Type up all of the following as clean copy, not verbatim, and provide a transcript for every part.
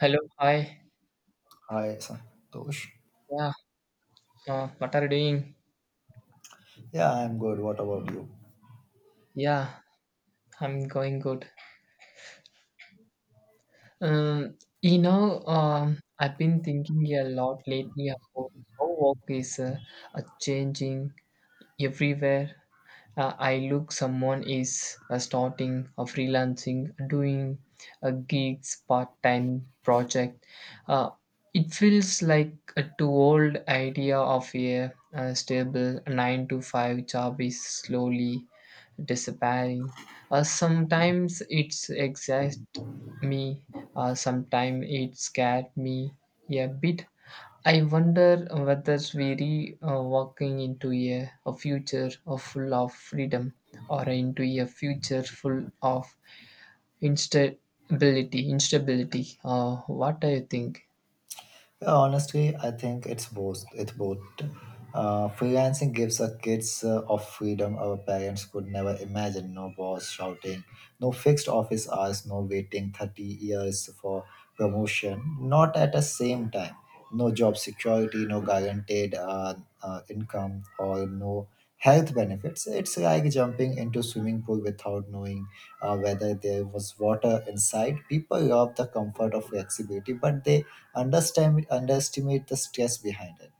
Hello, hi. Hi, Santosh. Yeah, what are you doing? Yeah, I'm good. What about you? Yeah, I'm going good. Um, you know, I've been thinking a lot lately about how work is changing everywhere. I look, someone is starting freelancing, doing gigs, part-time project. Uh, it feels like a too old idea of a, stable nine to five job is slowly disappearing. Sometimes it's exhaust me, sometimes it scared me a bit. I wonder whether we're walking into a future of full of freedom or into a future full of instability. Instability. What do you think? Yeah, honestly, I think it's both. Freelancing gives our kids of freedom our parents could never imagine. No boss shouting, no fixed office hours, no waiting 30 years for promotion. Not at the same time. No job security, no guaranteed income, or no health benefits. It's like jumping into swimming pool without knowing whether there was water inside. People love the comfort of flexibility, but they understand underestimate the stress behind it.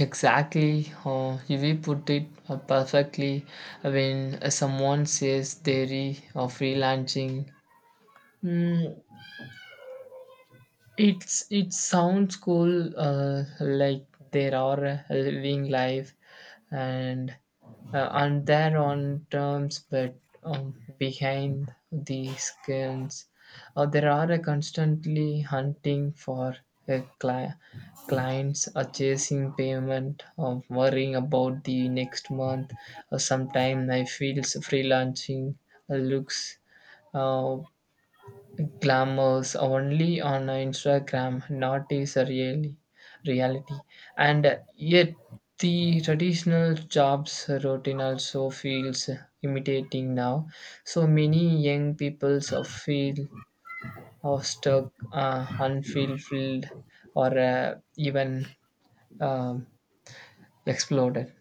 Exactly, we put it perfectly when someone says they're freelancing. Mm, It's it sounds cool. Like there are a living life, and and their own terms, but behind the skins, there are a constantly hunting for uh, cli- clients, chasing payment, worrying about the next month. Sometime I feel freelancing looks. Uh, glamours only on Instagram, not is a really reality. And yet the traditional jobs routine also feels imitating now. So many young peoples of feel or stuck, unfulfilled, or even um, exploded.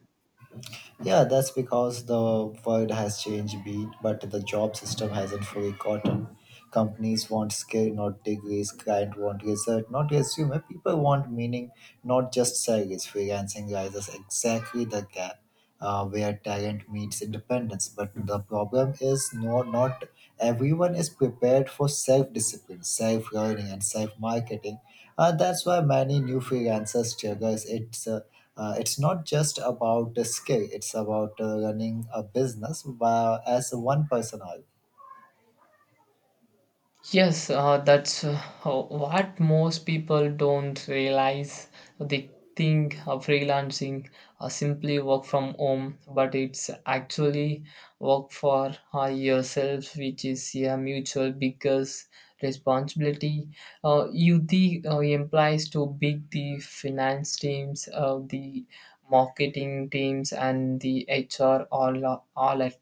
Yeah, that's because the world has changed beat, but the job system hasn't fully caught up. Companies want skill, not degrees. Client want research, not resume. People want meaning, not just salaries. Freelancing rises exactly the gap where talent meets independence. But the problem is no, not everyone is prepared for self-discipline, self-learning, and self-marketing. That's why many new freelancers struggle. It's not just about the skill, it's about running a business by, as one person. All. Yes, that's how- what most people don't realize. They think of freelancing simply work from home, but it's actually work for yourself, which is a mutual biggest responsibility. You the implies to big the finance teams, the marketing teams, and the HR all at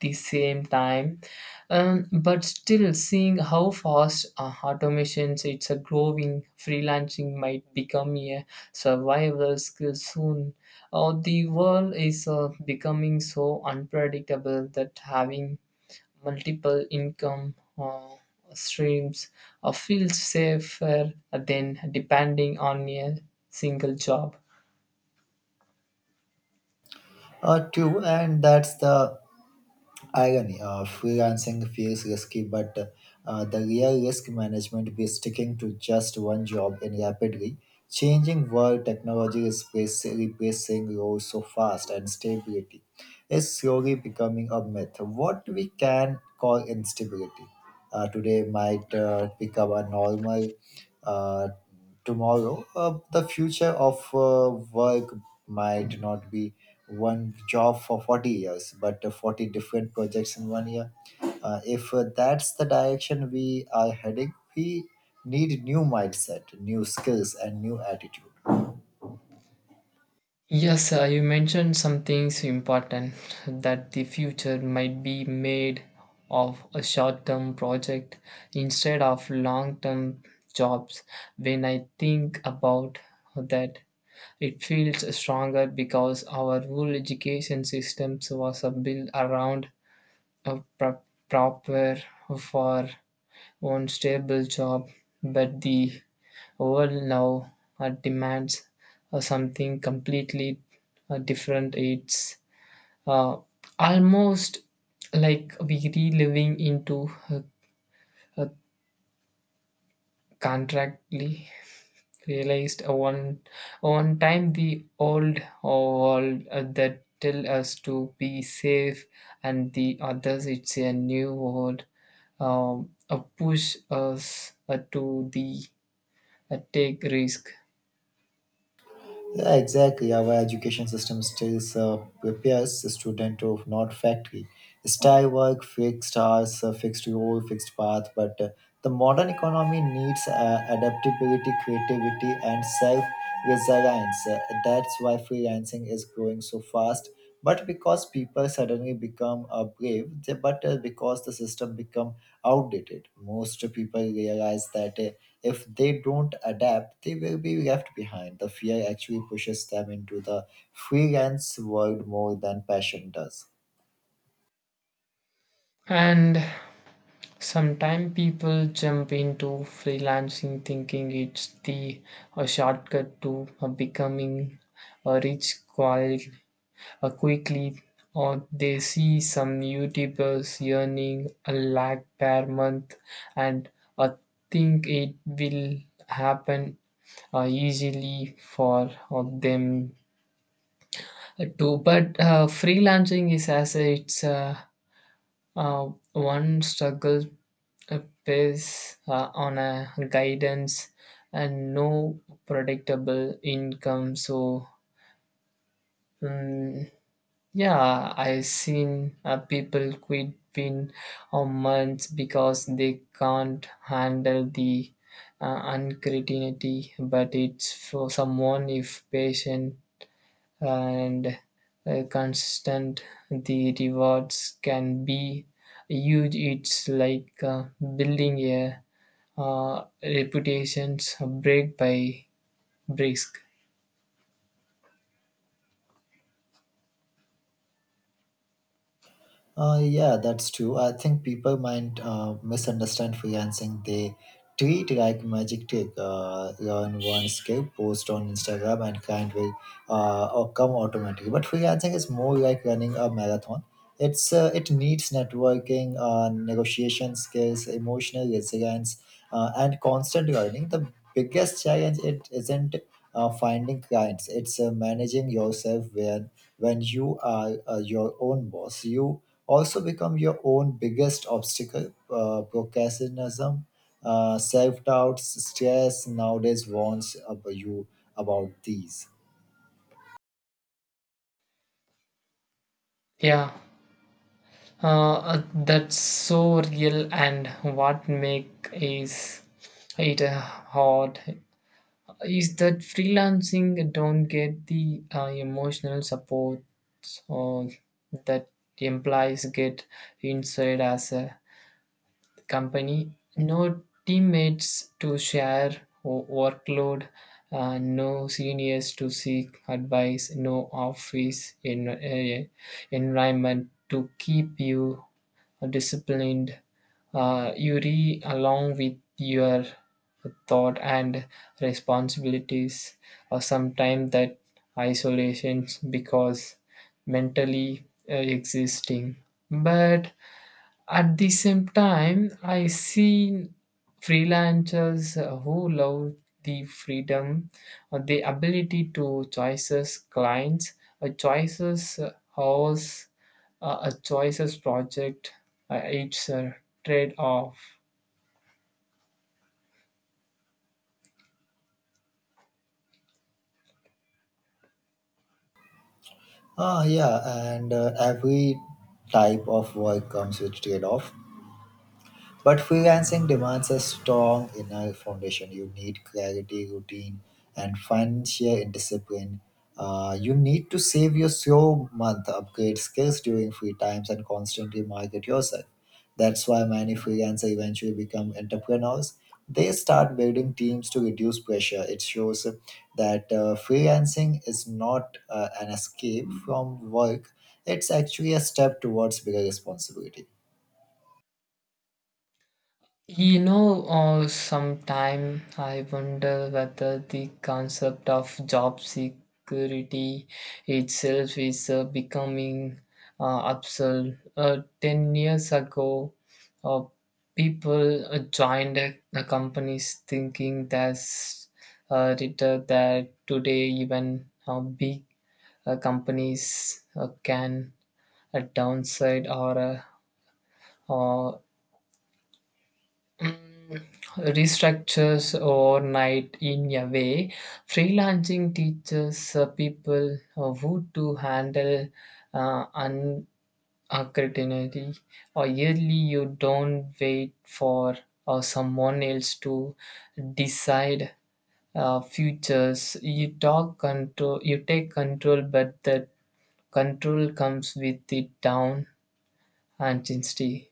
the same time but still, seeing how fast automations, it's a growing freelancing might become a survival skill soon. The world is becoming so unpredictable that having multiple income streams feels safer than depending on a single job. Two, and that's the irony. Freelancing feels risky, but the real risk management be sticking to just one job in rapidly changing world technology is replacing roles so fast and stability is slowly becoming a myth. What we can call instability today might become a normal uh, tomorrow. The future of work might not be one job for 40 years, but 40 different projects in 1 year. If that's the direction we are heading, we need new mindset, new skills, and new attitude. Yes, you mentioned some things important that the future might be made of a short term project instead of long term jobs. When I think about that, it feels stronger because our whole education systems was built around a pro- proper for one stable job, but the world now demands something completely different. It's uh, almost like we reliving into a contractly realized one time the old world that tell us to be safe and the others it's a new world push us to the take risk Yeah, exactly. Our education system still prepares the student of not factory style work, fixed hours, fixed role, fixed path. But the modern economy needs adaptability, creativity, and self resilience. That's why freelancing is growing so fast but because people suddenly become brave but because the system become outdated most people realize that if they don't adapt they will be left behind the fear actually pushes them into the freelance world more than passion does. and sometimes people jump into freelancing thinking it's the a shortcut to becoming a rich quite quickly, or they see some YouTubers earning a lakh per month and uh, think it will happen easily for them too. But freelancing is as it's. One struggle uh, pays on a guidance and no predictable income. So, mm yeah, I seen people quit within a month because they can't handle the uncertainty. But it's for someone if patient and constant the rewards can be huge. It's like building a reputations break by brisk. Yeah, that's true. I think people might misunderstand freelancing. They treat like magic trick. Learn one skill, post on Instagram, and client will or come automatically. But freelancing is more like running a marathon. It needs networking, negotiation skills, emotional resilience, and constant learning. The biggest challenge it isn't finding clients. It's managing yourself when you are your own boss, you also become your own biggest obstacle. Procrastination, self doubts, stress nowadays warns you about these. yeah that's so real and what make is it hard is that freelancing don't get the emotional support uh, that employees get inside as a company, no teammates to share workload, no seniors to seek advice, no office in, environment to keep you disciplined. You read along with your thought and responsibilities, or sometimes that isolation because mentally existing. But at the same time, I see freelancers who love the freedom, the ability to choices clients, a choices house, a choices project. It's a trade off. Ah, yeah, and every type of work comes with trade off. But freelancing demands a strong inner foundation. You need clarity, routine, and financial discipline. You need to save your slow month, upgrade skills during free times, and constantly market yourself. That's why many freelancers eventually become entrepreneurs. They start building teams to reduce pressure. It shows that freelancing is not an escape from work, it's actually a step towards bigger responsibility. You know, sometime I wonder whether the concept of job security itself is becoming absurd. 10 years ago, uh, people joined companies thinking that's written that today even big companies can downside or uh, Mm, restructures overnight in a way. Freelancing teaches people who to handle uh, uncertainty, or yearly you don't wait for someone else to decide futures. You take control, but that control comes with the down and intensity.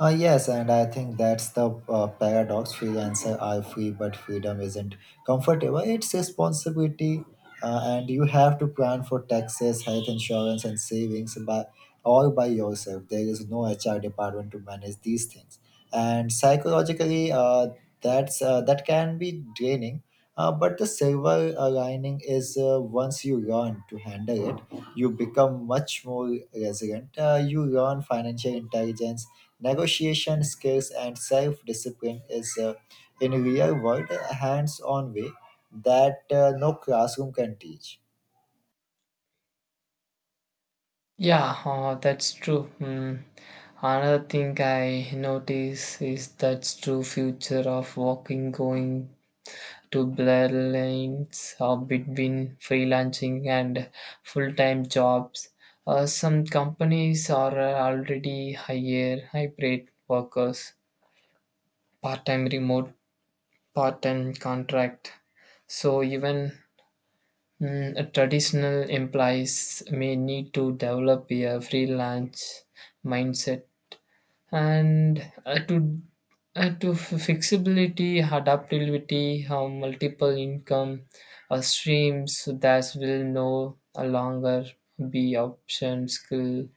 Yes, and I think that's the paradox. Freelancer are free, but freedom isn't comfortable. It's responsibility, and you have to plan for taxes, health insurance, and savings by all by yourself. There is no HR department to manage these things, and psychologically, that can be draining. But the silver lining is once you learn to handle it, you become much more resilient. You learn financial intelligence, negotiation skills, and self discipline is in real world hands on way that no classroom can teach. Yeah, that's true. Hmm. Another thing I notice is that's true future of walking going to blur lanes between freelancing and full-time jobs. Some companies are already hire hybrid workers, part-time remote, part-time contract. So even traditional employees may need to develop a freelance mindset and flexibility adaptability multiple income streams that will no longer be option skill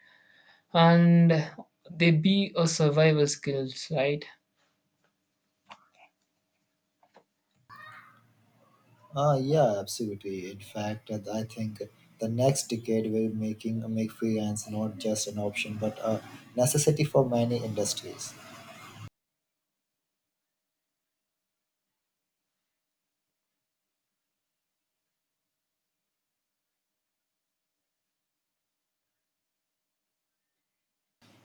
and they be a survival skills, right? Yeah, absolutely. In fact, I think the next decade will making make freelance not just an option but a necessity for many industries.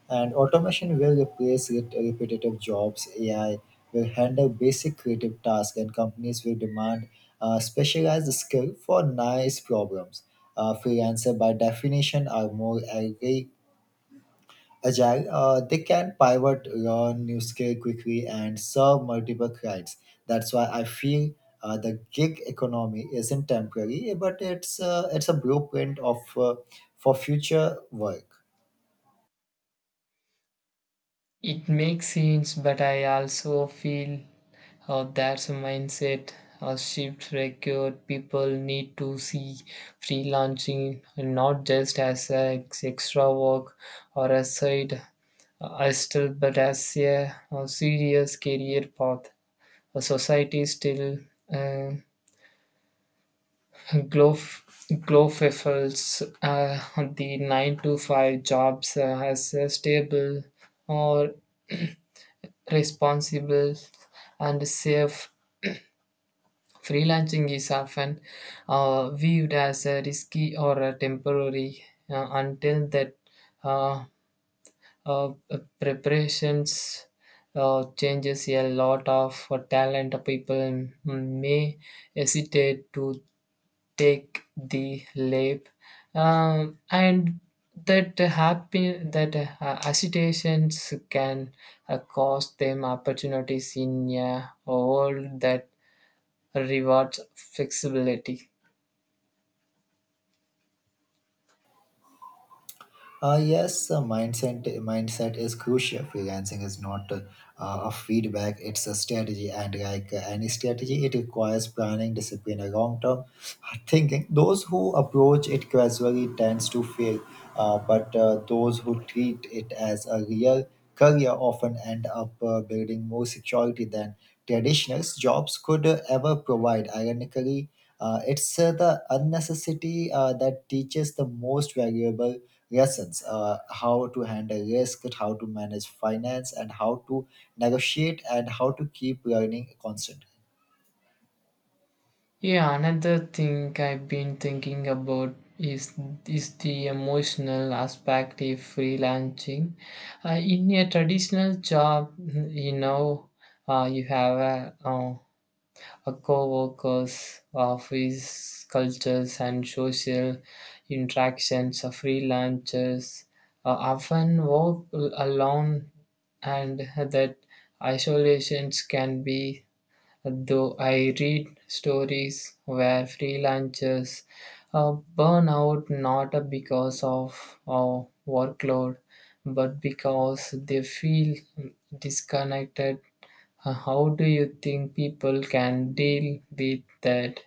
And automation will replace repetitive jobs. AI will handle basic creative tasks, and companies will demand specialized skill for nice problems. Freelancer, by definition, are more agile. They can pivot, learn new skill quickly, and serve multiple clients. That's why I feel the gig economy isn't temporary, but it's a blueprint of for future work. It makes sense, but I also feel that's a mindset shift required. People need to see freelancing not just as extra work or a side hustle, but as a, serious career path. A society still uh, glof- glorifies the nine to five jobs as a stable or responsible and safe. Freelancing is often viewed as a risky or a temporary until that uh, uh, preparations changes a lot of talent people may hesitate to take the lap and that happen that agitations can cost them opportunities in a world that rewards flexibility. Yes, mindset is crucial. Freelancing is not a feedback; it's a strategy, and like any strategy, it requires planning, discipline, and long-term thinking. Those who approach it casually tends to fail, but those who treat it as a real career often end up building more security than traditional jobs could ever provide. Ironically, it's the unnecessity that teaches the most valuable lessons how to handle risk how to manage finance and how to negotiate and how to keep learning constantly. Yeah, another thing I've been thinking about is the emotional aspect of freelancing in a traditional job, you know, you have a co-workers, office cultures, and social interactions. Freelancers often work alone, and that isolations can be. Though I read stories where freelancers burn out not because of workload, but because they feel disconnected. How do you think people can deal with that?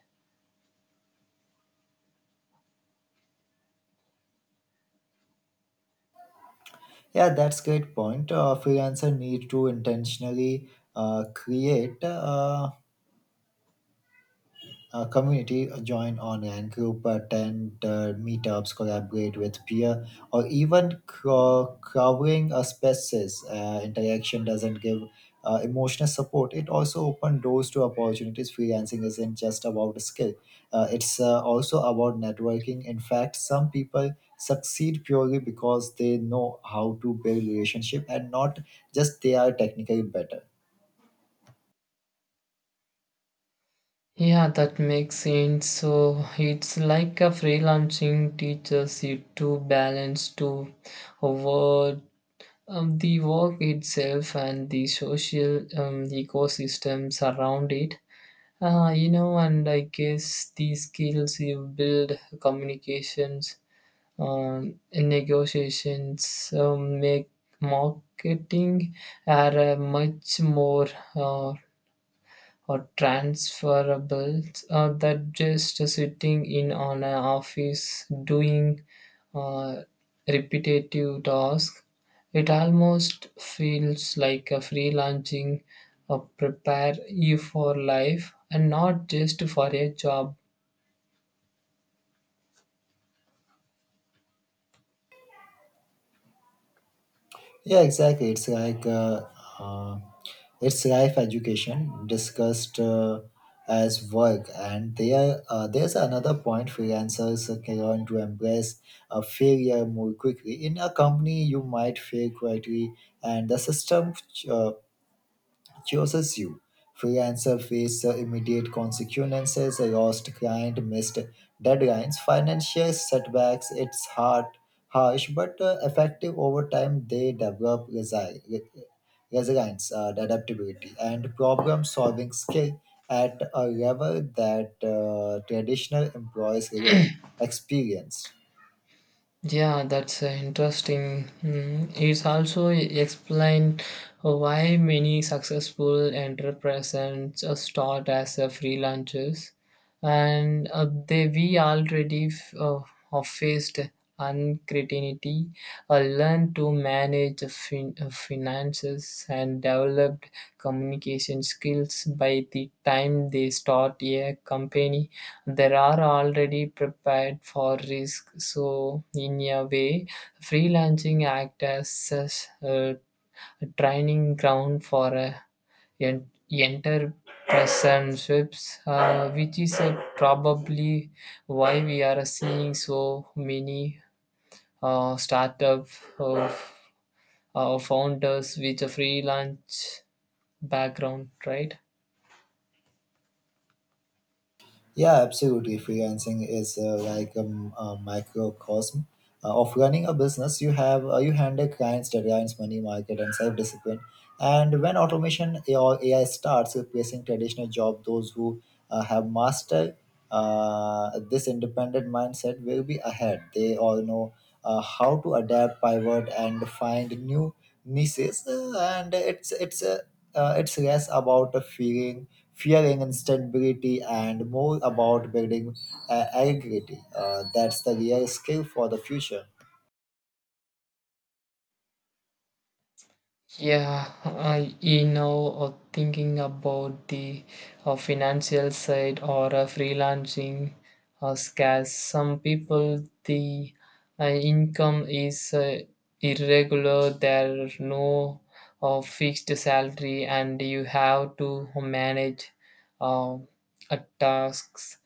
Yeah, that's great point. Freelancer need to intentionally create community, join online group, attend meetups, collaborate with peer, or even covering a spaces. Interaction doesn't give emotional support. It also open doors to opportunities. Freelancing isn't just about skill; it's also about networking. In fact, some people succeed purely because they know how to build relationship and not just they are technically better. Yeah, that makes sense. So it's like a freelancing teaches you to balance to avoid the work itself and the social ecosystems around it. You know, and I guess the skills you build, communications, in negotiations make marketing are much more uh, or transferable that just sitting in on an office doing uh, repetitive tasks. It almost feels like a freelancing prepare you for life and not just for a job. Yeah, exactly. Uh, it's life education discussed as work, and there's another point freelancers can learn to embrace a failure more quickly. In a company, you might fail quietly, and the system uh, chases you. Freelancers face immediate consequences, a lost client, missed deadlines, financial setbacks. It's hard, harsh, but effective over time. They develop resilience, adaptability, and problem-solving skill at a level that traditional employees really experienced. Yeah, that's interesting. Mm, it's also explained why many successful entrepreneurs start as freelancers, and they we already f- have faced uncertainty, learned to manage finances, and developed communication skills by the time they start a company. There are already prepared for risk, so in a way, freelancing acts as a training ground for entrepreneurships, which is probably why we are seeing so many startup uh, founders with a freelance background, right? Yeah, absolutely. Freelancing is like a microcosm of running a business. You handle clients, deadlines, money market, and self discipline. And when automation or AI starts replacing traditional job, those who have mastered this independent mindset will be ahead. They all know how to adapt, pivot, and find new niches. And it's less about the fearing instability and more about building agility. That's the real skill for the future. Yeah, I you know, or thinking about the financial side or freelancing or scarce. Some people the income is irregular. There are no fixed salary, and you have to manage uh, tasks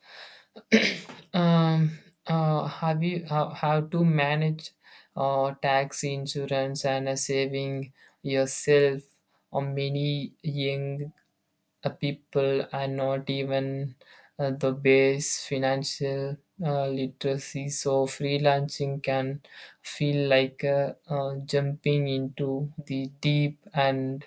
um, how to manage tax insurance and saving yourself, or many young people are not even the base financial literacy. So freelancing can feel like jumping into the deep and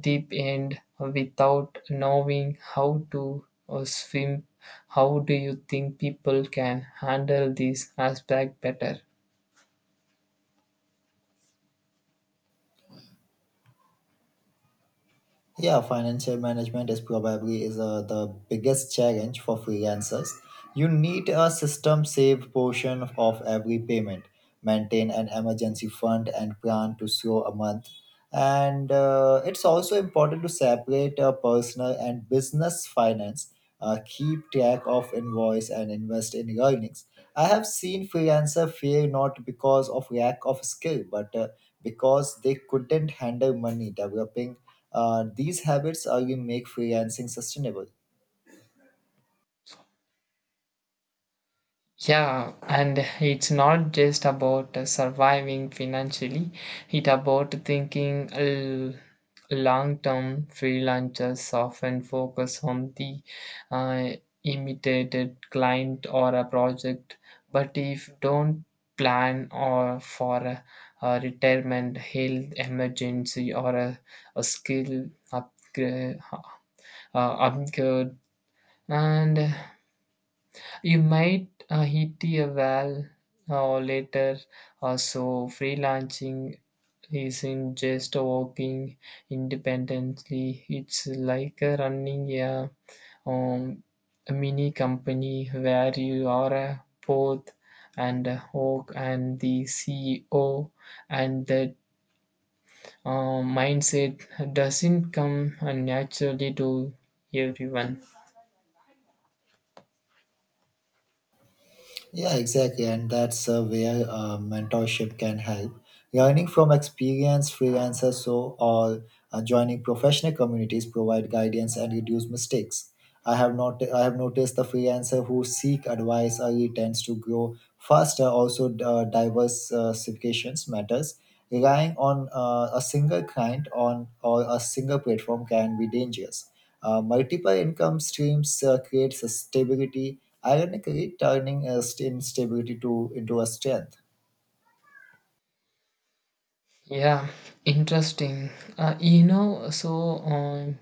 deep end without knowing how to swim. How do you think people can handle this aspect better? Yeah, financial management is probably is the biggest challenge for freelancers. You need a system save portion of every payment, maintain an emergency fund and plan to slow a month. And it's also important to separate personal and business finance, keep track of invoice and invest in earnings. I have seen freelancer fail not because of lack of skill, but because they couldn't handle money. Developing these habits are you make freelancing sustainable. Yeah, and it's not just about surviving financially, it's about thinking long term. Freelancers often focus on the uh, immediate client or a project, but if don't plan or for a retirement, health emergency, or a skill upgrade, upgrade, and you might hit a wall later or so. Freelancing isn't just working independently, it's like running um, a mini company where you are a both and a hawk and the CEO, and that uh, mindset doesn't come naturally to everyone. Yeah, exactly, and that's where mentorship can help. Learning from experienced freelancers, so or joining professional communities provide guidance and reduce mistakes. I have not I have noticed the freelancer who seek advice early tends to grow faster. Also, diversifications matters. Relying on a single client on or a single platform can be dangerous. Multiple income streams creates a stability, ironically turning a instability to into a strength. Yeah, interesting. You know, so um,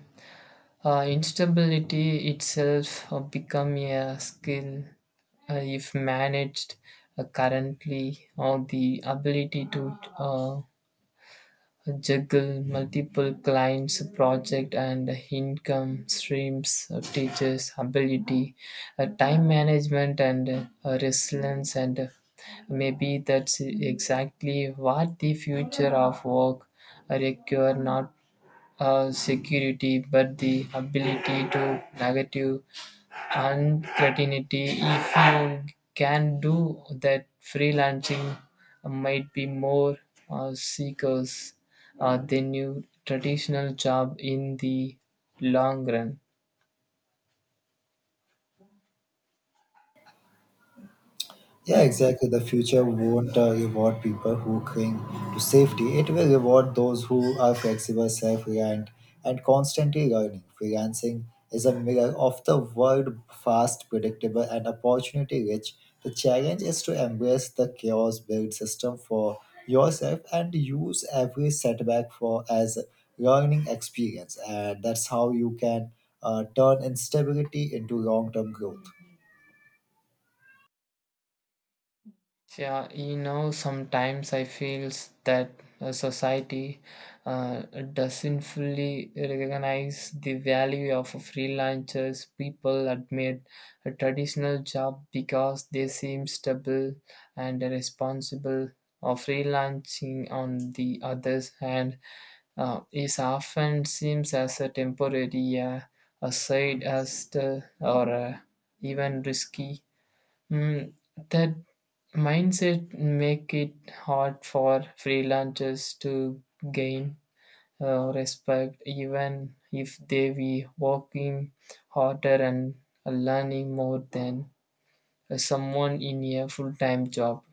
uh, instability itself become a skill if managed currently, or the ability to juggle multiple clients, project and income streams, teachers' ability, time management and resilience, and maybe that's exactly what the future of work require, not security but the ability to negative uncertainty. If you can do that, freelancing might be more seekers than your traditional job in the long run. Yeah, exactly. The future won't reward people who cling to safety. It will reward those who are flexible, self-reliant, and constantly learning. Freelancing is a mirror of the world, fast, predictable, and opportunity-rich. The challenge is to embrace the chaos, build system for yourself, and use every setback for as learning experience. And that's how you can turn instability into long-term growth. Yeah, you know, sometimes I feels that society uh, doesn't fully recognize the value of freelancers. People admit a traditional job because they seem stable and responsible. Or freelancing, on the other hand, is often seems as a temporary, a side hustle, or even risky. Mm, that mindset make it hard for freelancers to gain respect even if they be working harder and learning more than someone in a full-time job.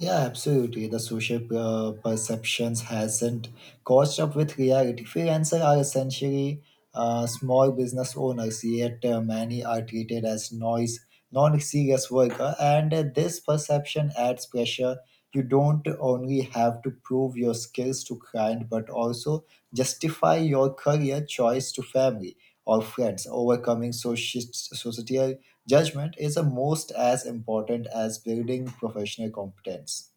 Yeah, absolutely. The social perceptions hasn't caught up with reality. Freelancers are essentially small business owners, yet many are treated as noise, non-serious worker, and this perception adds pressure you don't only have to prove your skills to client but also justify your career choice to family or friends overcoming societal judgment is almost as important as building professional competence.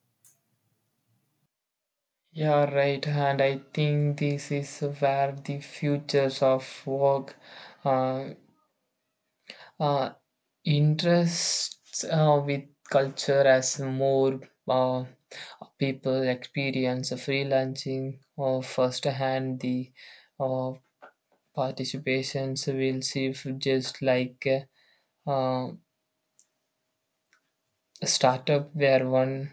Yeah, right, and I think this is where the futures of work uh, uh, interests with culture. As more uh, people experience freelancing or firsthand the uh, participations will see if just like uh, a startup where one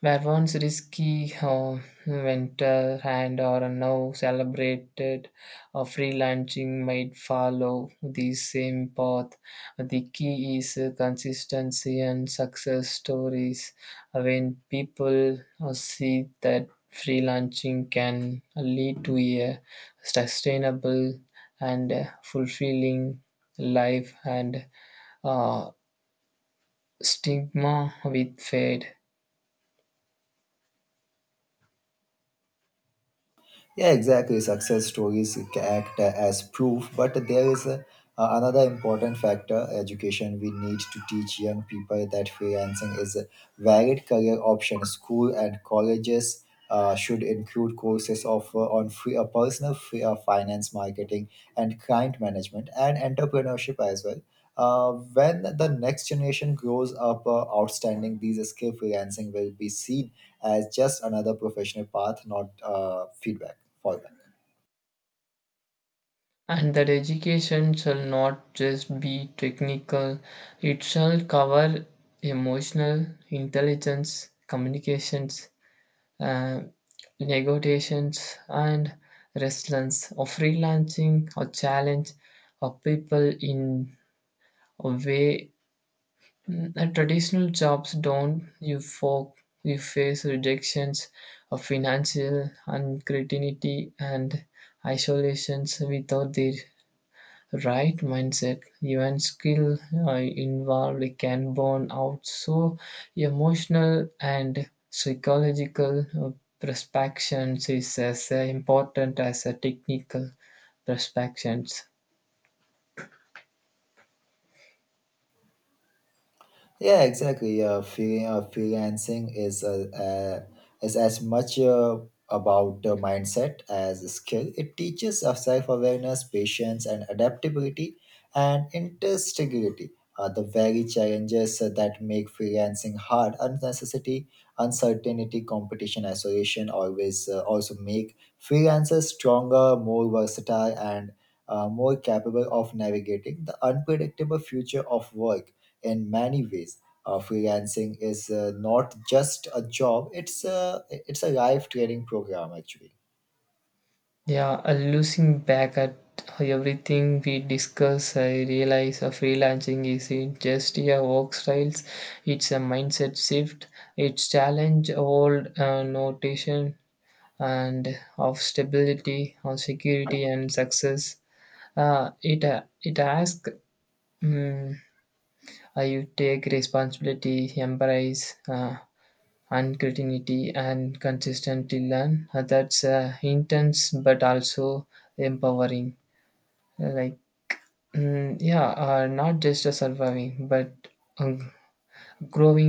where once risky venture and are now celebrated, freelancing might follow the same path. The key is consistency and success stories. When people see that freelancing can lead to a sustainable and fulfilling life, and uh, stigma with fade. Yeah, exactly. Success stories act as proof, but there is a, another important factor education. We need to teach young people that freelancing is a varied career option. School and colleges should include courses of, on personal finance, marketing, and client management, and entrepreneurship as well. When the next generation grows up outstanding, these skill freelancing will be seen as just another professional path, not fallback. And that education shall not just be technical, it shall cover emotional intelligence, communications, uh, negotiations and resilience or freelancing or challenge of people in a way, that traditional jobs don't. You folk you face rejections of financial uncertainty and isolations without their right mindset, even skill uh, involved can burn out. So emotional and psychological perspectives is as important as a technical perspectives. Yeah, exactly. Freelancing is as much about the mindset as skill. It teaches us self awareness, patience, and adaptability, and integrity. The very challenges that make freelancing hard, unnecessity, uncertainty, competition, isolation, always also make freelancers stronger, more versatile, and more capable of navigating the unpredictable future of work in many ways. Freelancing is not just a job; it's a life training program actually. Yeah Losing back at everything we discuss, I realize freelancing isn't just a work styles, it's a mindset shift. It's challenge old notation and of stability, of security and success. It asks mm you take responsibility, embrace uncertainty, and consistently learn. That's intense but also empowering. Like yeah, not just a surviving but uh, growing.